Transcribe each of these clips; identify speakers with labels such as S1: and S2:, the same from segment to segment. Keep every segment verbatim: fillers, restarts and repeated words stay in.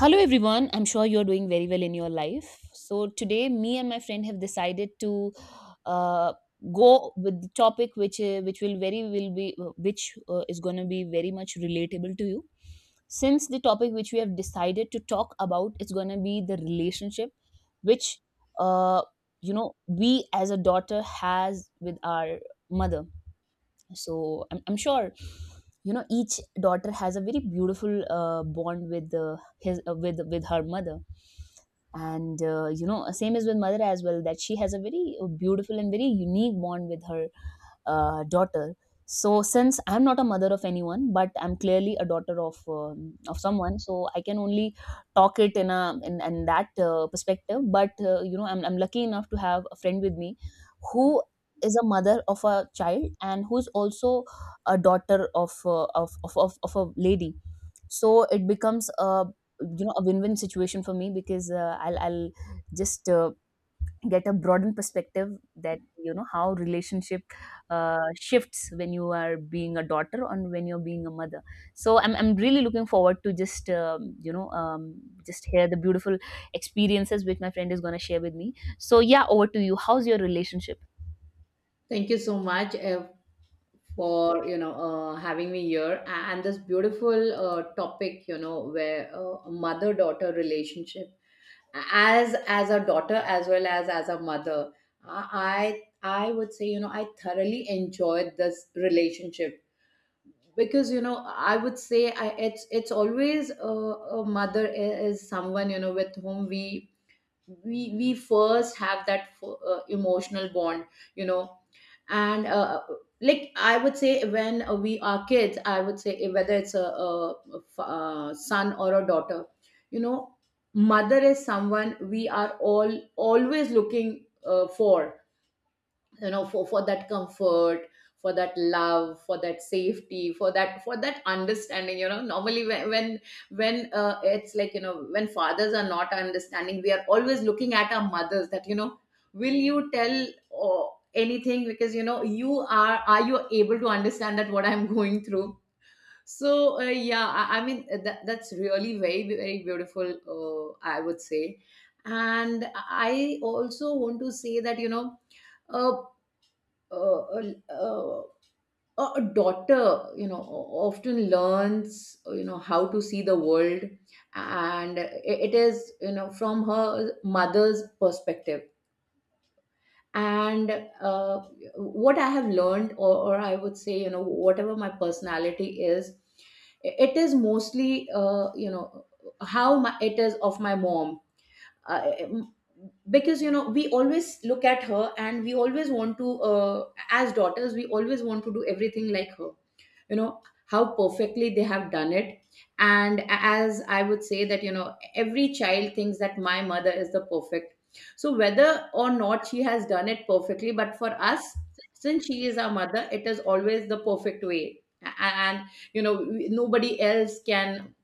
S1: Hello, everyone. I'm sure you're doing very well in your life. So, today, me and my friend have decided to uh, go with the topic which uh, which will very will be uh, which uh, is going to be very much relatable to you. Since the topic which we have decided to talk about is going to be the relationship which uh, you know we as a daughter has with our mother. So i'm, I'm sure you know each daughter has a very beautiful uh, bond with uh, his uh, with with her mother, and uh, you know same is with mother as well, that she has a very uh, beautiful and very unique bond with her uh, daughter. So since I'm not a mother of anyone but I'm clearly a daughter of um, of someone, so I can only talk it in a in, in that uh, perspective, but uh, you know I'm, I'm lucky enough to have a friend with me who is a mother of a child and who's also a daughter of uh, of, of, of of a lady. So it becomes a you know a win-win situation for me, because uh, I'll, I'll just uh, get a broadened perspective, that you know how relationship uh, shifts when you are being a daughter and when you're being a mother. So i'm, I'm really looking forward to just um, you know um, just hear the beautiful experiences which my friend is going to share with me. So yeah, over to you, how's your relationship?
S2: Thank you so much, uh, for you know uh, having me here, a- and this beautiful uh, topic, you know where uh, mother daughter relationship, as as a daughter as well as as a mother. I I I would say, you know I thoroughly enjoyed this relationship, because, you know I would say, I, it's it's always a a mother i- is someone, you know with whom we we we first have that f- uh, emotional bond, you know and uh, like, I would say, when uh, we are kids, I would say, uh, whether it's a, a, a f- a son or a daughter, you know mother is someone we are all always looking uh, for, you know for, for that comfort, for that love, for that safety, for that for that understanding. You know normally when, when, when uh, it's like, you know when fathers are not understanding, we are always looking at our mothers that, you know will you tell or anything, because, you know you are are you able to understand that what I'm going through. So, uh, yeah, I, I mean, uh, that, that's really very, very beautiful, uh, I would say. And I also want to say that, you know uh, uh, uh, a daughter, you know often learns, you know how to see the world. And it is, you know from her mother's perspective. And uh, what I have learned, or, or I would say, you know whatever my personality is, it is mostly, uh, you know how my, it is of my mom. uh, because, you know we always look at her, and we always want to, uh, as daughters, we always want to do everything like her, you know how perfectly they have done it. And as I would say that, you know every child thinks that my mother is the perfect. So whether or not she has done it perfectly, but for us, since she is our mother, it is always the perfect way. A- and, you know we- nobody else can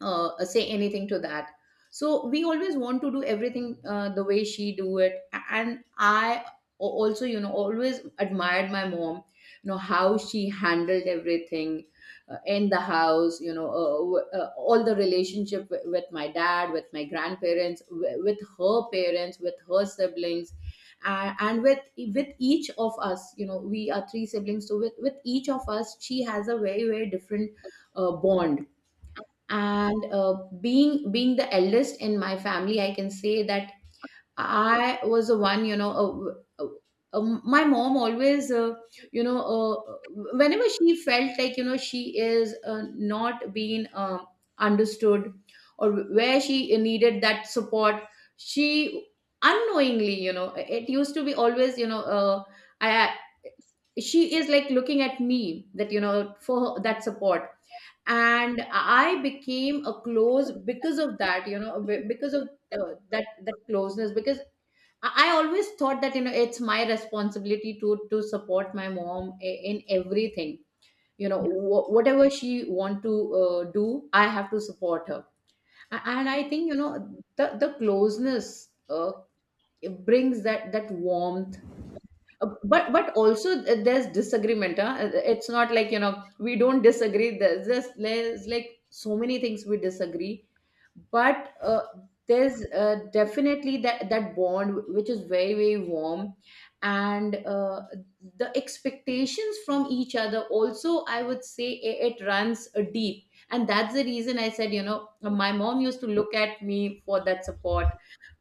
S2: uh, say anything to that. So we always want to do everything, uh, the way she do it. A- and i a- also, you know always admired my mom, you know how she handled everything, uh, in the house, you know uh, w- uh, all the relationship, wi- with my dad, with my grandparents, wi- with her parents, with her siblings, and, and with with each of us. You know we are three siblings, so with with each of us she has a very, very different uh, bond. And uh, being being the eldest in my family, I can say that I was the one, you know uh, uh, uh, my mom always, uh, you know uh, whenever she felt like, you know she is, uh, not being, uh, understood, or where she needed that support. She unknowingly, you know it used to be always, you know uh, I, she is like looking at me that, you know for that support. And I became a close because of that, you know be- because of, uh, that that closeness, because i I always thought that, you know it's my responsibility to to support my mom i- in everything, you know wh- whatever she want to, uh, do, I have to support her. A- and I think, you know the the closeness, uh, it brings that, that warmth. uh, but but also, uh, there's disagreement, huh? Uh, it's not like, you know we don't disagree. There's just, there's like so many things we disagree. But, uh, there's, uh, definitely that that bond, which is very, very warm. And uh, the expectations from each other also, I would say, it, it runs, uh, deep. And that's the reason I said, you know my mom used to look at me for that support.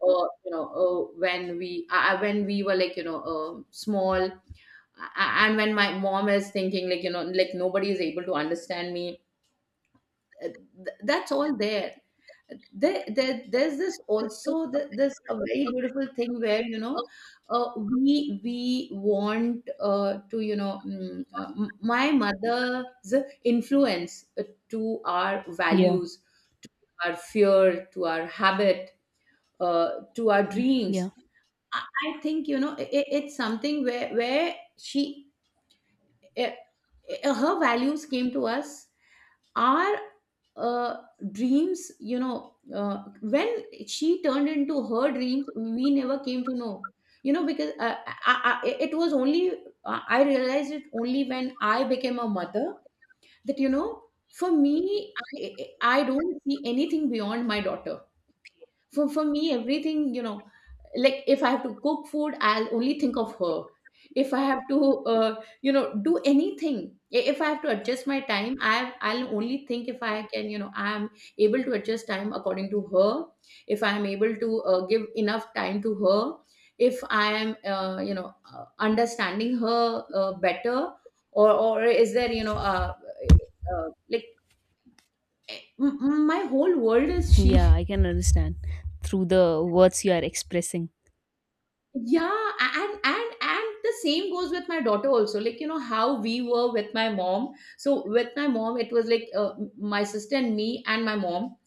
S2: uh, you know uh, When we uh, uh, when we were like, you know uh, small, uh, and when my mom is thinking like, you know like nobody is able to understand me. Uh, th- that's all there. There, there there's this also, th- this a very beautiful thing where, you know uh, we we want, uh, to, you know mm, uh, m- my mother's influence, uh, to our
S1: Yeah,
S2: values, to our fear, to our habit, uh, to our dreams.
S1: yeah,
S2: I I think, you know, I it's something where, where she, eh, eh, her values came to us. Our, uh, dreams, you know, uh, when she turned into her dreams, we never came to know. You know, because, uh, I, I, it was only, I I realized it only when I became a mother, that, you know, for me, I I- I don't see anything beyond my daughter. For for me, everything, you know like, if I have to cook food, I'll only think of her. If I have to, uh, you know do anything, i- if I have to adjust my time, i I'll only think, if I can, you know I'm able to adjust time according to her. If I'm able to, uh, give enough time to her. If I am, uh, you know uh, understanding her, uh, better, or, or is there, you know uh, uh, like, m- m- my whole world is
S1: yeah, I
S2: she.
S1: can understand through the words you are expressing.
S2: Yeah, and and and the same goes with my daughter also. Like, you know, how we were with my mom. So with my mom, it was like, uh, my sister and me and my mom.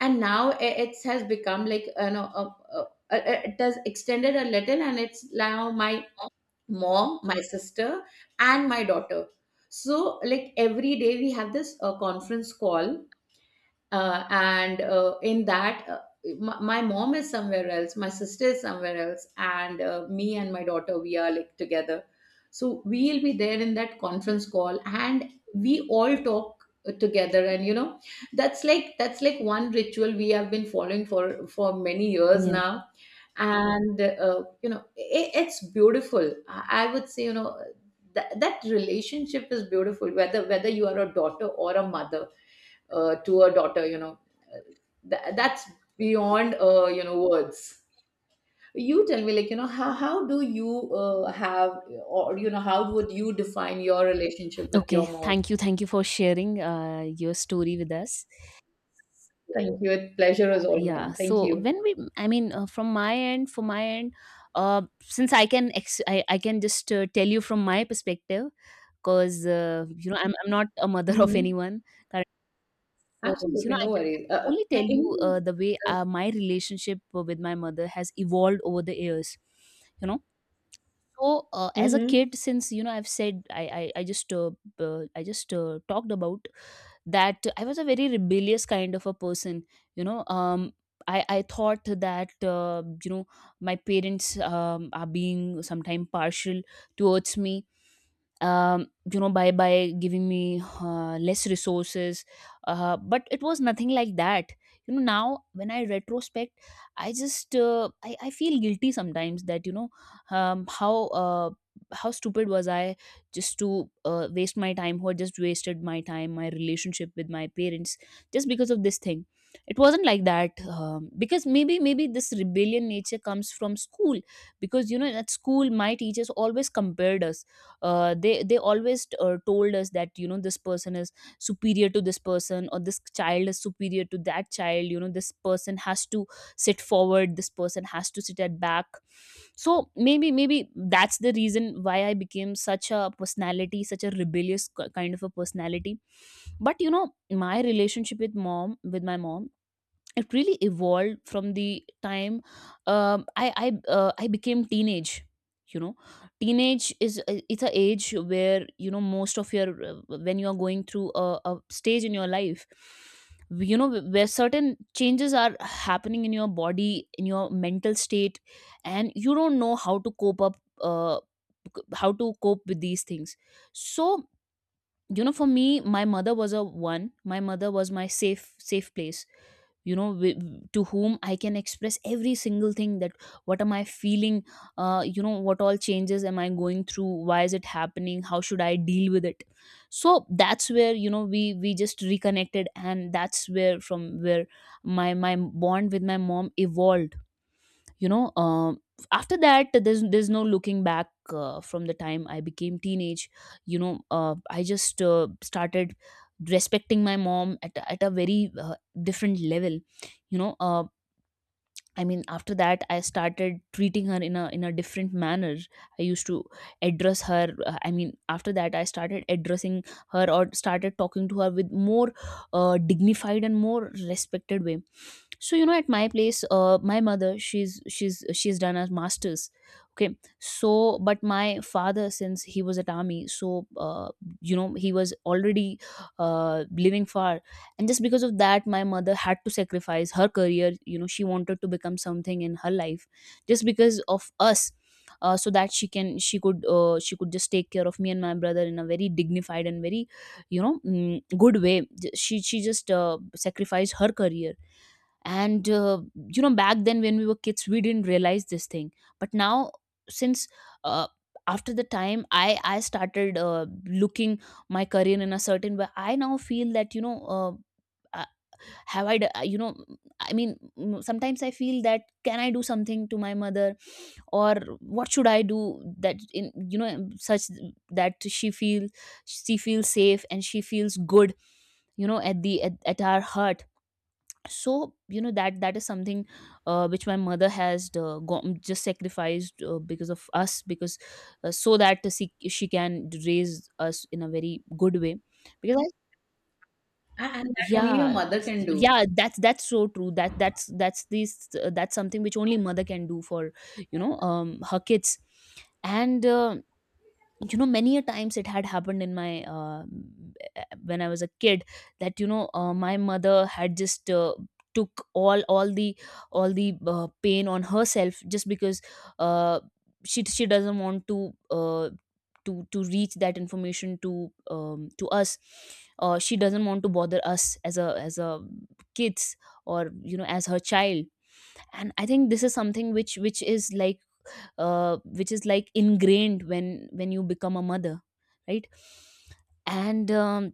S2: And now, i- it has become like, you know uh, uh, uh, it has extended a little, and it's now my mom, my sister, and my daughter. So like every day we have this uh, conference call, uh, and, uh, in that, uh, my, my mom is somewhere else, my sister is somewhere else, and, uh, me and my daughter, we are like together. So we'll be there in that conference call and we all talk, uh, together. And, you know that's like that's like one ritual we have been following for for many years
S1: Yeah.
S2: now. And uh, you know it, it's beautiful. i I would say, you know that, that relationship is beautiful, whether, whether you are a daughter or a mother, uh, to a daughter, you know Th- that's beyond, uh, you know words. You tell me, like, you know how, how do you uh, have, or, you know how would you define your relationship with
S1: Okay.
S2: your mom?
S1: Thank you. Thank you for sharing uh, your story with us.
S2: Thank you. It, pleasure is all
S1: Yeah.
S2: mine. Thank
S1: So
S2: you.
S1: when we, I mean, uh, from my end, for my end, uh, since I can, ex- I, I can just uh, tell you from my perspective, because uh, you know, I'm, I'm not a mother of
S2: Hmm.
S1: anyone. So, you know,
S2: Absolutely,
S1: I
S2: no
S1: can, I
S2: worries.
S1: can
S2: Uh,
S1: only
S2: uh,
S1: tell you
S2: anything
S1: uh,
S2: else?
S1: the way uh, my relationship with my mother has evolved over the years. You know, so uh, as a
S2: Mhm.
S1: kid, since you know, I've said I I, I just uh, uh, I just uh, talked about that I was a very rebellious kind of a person. You know, um, I I thought that uh, you know my parents um, are being sometimes partial towards me, um, you know, by by giving me uh, less resources, uh, but it was nothing like that. You know, now when I retrospect, I just uh, I, I feel guilty sometimes that you know, um, how uh, how stupid was i, just to uh, waste my time, or just wasted my time, my relationship with my parents, just because of this thing. It wasn't like that. Um, because maybe maybe this rebellion nature comes from school, because you know at school my teachers always compared us. Uh, they they always uh, told us that you know this person is superior to this person, or this child is superior to that child, you know this person has to sit forward, this person has to sit at back. So maybe maybe that's the reason why I became such a personality, such a rebellious k- kind of a personality. But you know my relationship with mom with my mom, it really evolved from the time um, I I uh, I became teenage. You know, teenage is uh, it's a age where you know most of your uh, when you are going through a, a stage in your life, you know, where certain changes are happening in your body, in your mental state, and you don't know how to cope up, uh, how to cope with these things. So you know, for me, my mother was a one. My mother was my safe safe place, you know, wi- to whom I can express every single thing that what am I feeling, uh, you know what all changes am I going through, why is it happening, how should I deal with it. So that's where you know we we just reconnected, and that's where from where my my bond with my mom evolved. You know, um, after that there's there's no looking back. Uh, from the time I became teenage, you know, uh, I just uh, started respecting my mom at, a- at a very uh, different level. You know, uh, I mean, after that, I started treating her in a in a different manner. I used to address her. uh, I mean, after that, I started addressing her, or started talking to her with more uh, dignified and more respected way. So you know, at my place, uh, my mother, she's she's she's done her masters. Okay, so but my father, since he was at army, so uh, you know, he was already uh, living far, and just because of that my mother had to sacrifice her career. You know, she wanted to become something in her life, just because of us. Uh, so that she can she could uh, she could just take care of me and my brother in a very dignified and very, you know, mm, good way. J- she she just uh, sacrificed her career. And uh, you know back then when we were kids we didn't realize this thing, but now, since, uh, after the time i i started uh, looking my career in a certain way, I now feel that you know uh, uh, have I d- uh, you know, I mean, mm, sometimes I feel that can I do something to my mother, or what should I do, that in you know such that she feel, she feels safe and she feels good, you know, at the at, at our heart. So you know that that is something uh, which my mother has uh, go- just sacrificed uh, because of us, because uh, so that she, she can raise us in a very good way, because I,
S2: A- and that only a
S1: yeah.
S2: mother can do.
S1: Yeah, that's that's so true. That that's that's this that's something which only mother can do for, you know, um her kids. And uh, you know many a times it had happened in my uh, when I was a kid, that you know uh, my mother had just uh, took all all the all the uh, pain on herself, just because uh, she she doesn't want to uh, to to reach that information to um, to us. Uh, she doesn't want to bother us as a as a kids, or you know as her child. And I think this is something which which is like uh, which is like ingrained when when you become a mother, right? And um,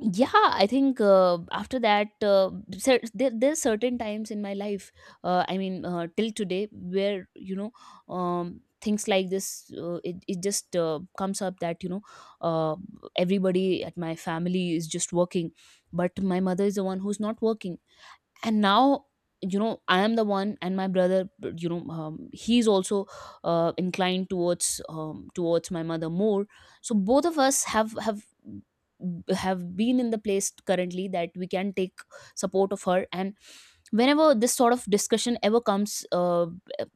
S1: yeah, I think uh, after that uh, cer- there, there's certain times in my life, uh, I mean uh, till today, where you know um, things like this uh, it, it just uh, comes up that you know uh, everybody at my family is just working, but my mother is the one who's not working. And now you know, I am the one, and my brother, you know, um, he's also uh, inclined towards um, towards my mother more. So both of us have have have been in the place currently that we can take support of her. And whenever this sort of discussion ever comes uh,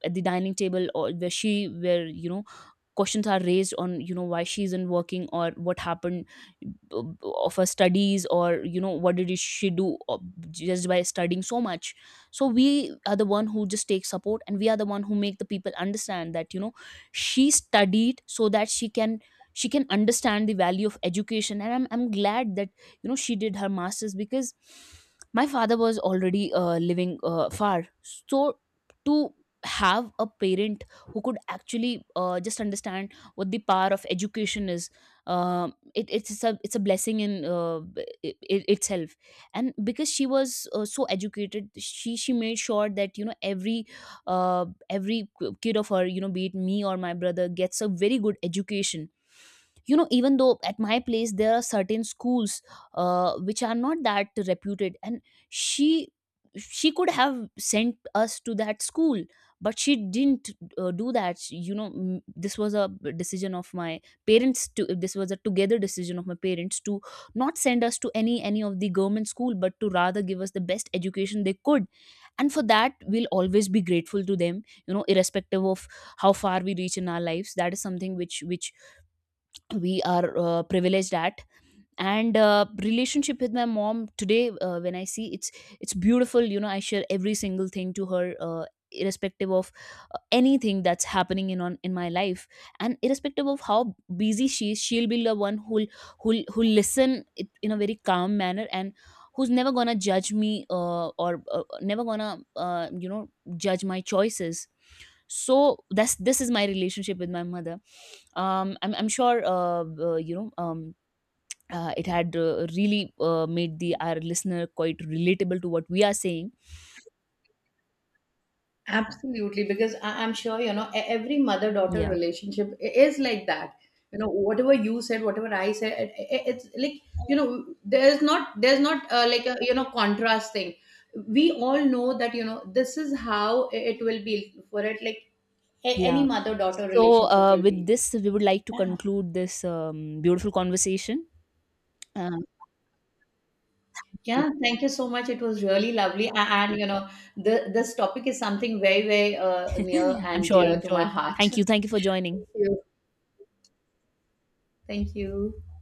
S1: at the dining table, or where she where you know questions are raised on you know why she isn't working, or what happened of her studies, or you know what did she do uh, just by studying so much. So we are the one who just take support, and we are the one who make the people understand that you know she studied so that she can she can understand the value of education. And i'm, I'm glad that you know she did her masters, because my father was already uh, living uh, far. So to have a parent who could actually uh, just understand what the power of education is, um it, it's a it's a blessing in uh, it, it itself. And because she was uh, so educated, she she made sure that you know every uh, every kid of her, you know, be it me or my brother, gets a very good education. You know, even though at my place there are certain schools uh, which are not that reputed, and she she could have sent us to that school, but she didn't uh, do that. She- you know, m- this was a decision of my parents to this was a together decision of my parents to not send us to any any of the government school, but to rather give us the best education they could. And for that we'll always be grateful to them. You know, irrespective of how far we reach in our lives, that is something which which we are uh, privileged at. And uh, relationship with my mom today, uh, when I see, it's it's beautiful. You know I share every single thing to her, uh, irrespective of uh, anything that's happening in on in my life. And irrespective of how busy she is, she'll be the one who'll who'll who'll listen it in a very calm manner, and who's never gonna judge me, uh, or uh, never gonna uh, you know, judge my choices. So that's this is my relationship with my mother. um, I'm I'm sure uh, uh, you know um, uh, it had uh, really uh, made the our listener quite relatable to what we are saying.
S2: Absolutely, because I- I'm sure, you know, e- every mother daughter
S1: Yeah,
S2: relationship i- is like that. You know, whatever you said, whatever I said, it, it- it's like, you know, there's not, there's not, uh, like a, you know, contrast thing. We all know that, you know, this is how, i- it will be for it, like a- any
S1: yeah.
S2: mother daughter
S1: So
S2: relationship
S1: uh,
S2: will be.
S1: with this, we would like to
S2: Yeah.
S1: conclude this um, beautiful conversation. Uh,
S2: Yeah, thank you so much. It was really lovely. A- And, you know, the, this topic is something very, very, uh, near
S1: I'm
S2: and
S1: sure.
S2: dear
S1: I'm
S2: to my
S1: sure.
S2: heart.
S1: Thank you. Thank you for joining.
S2: Thank you. Thank you.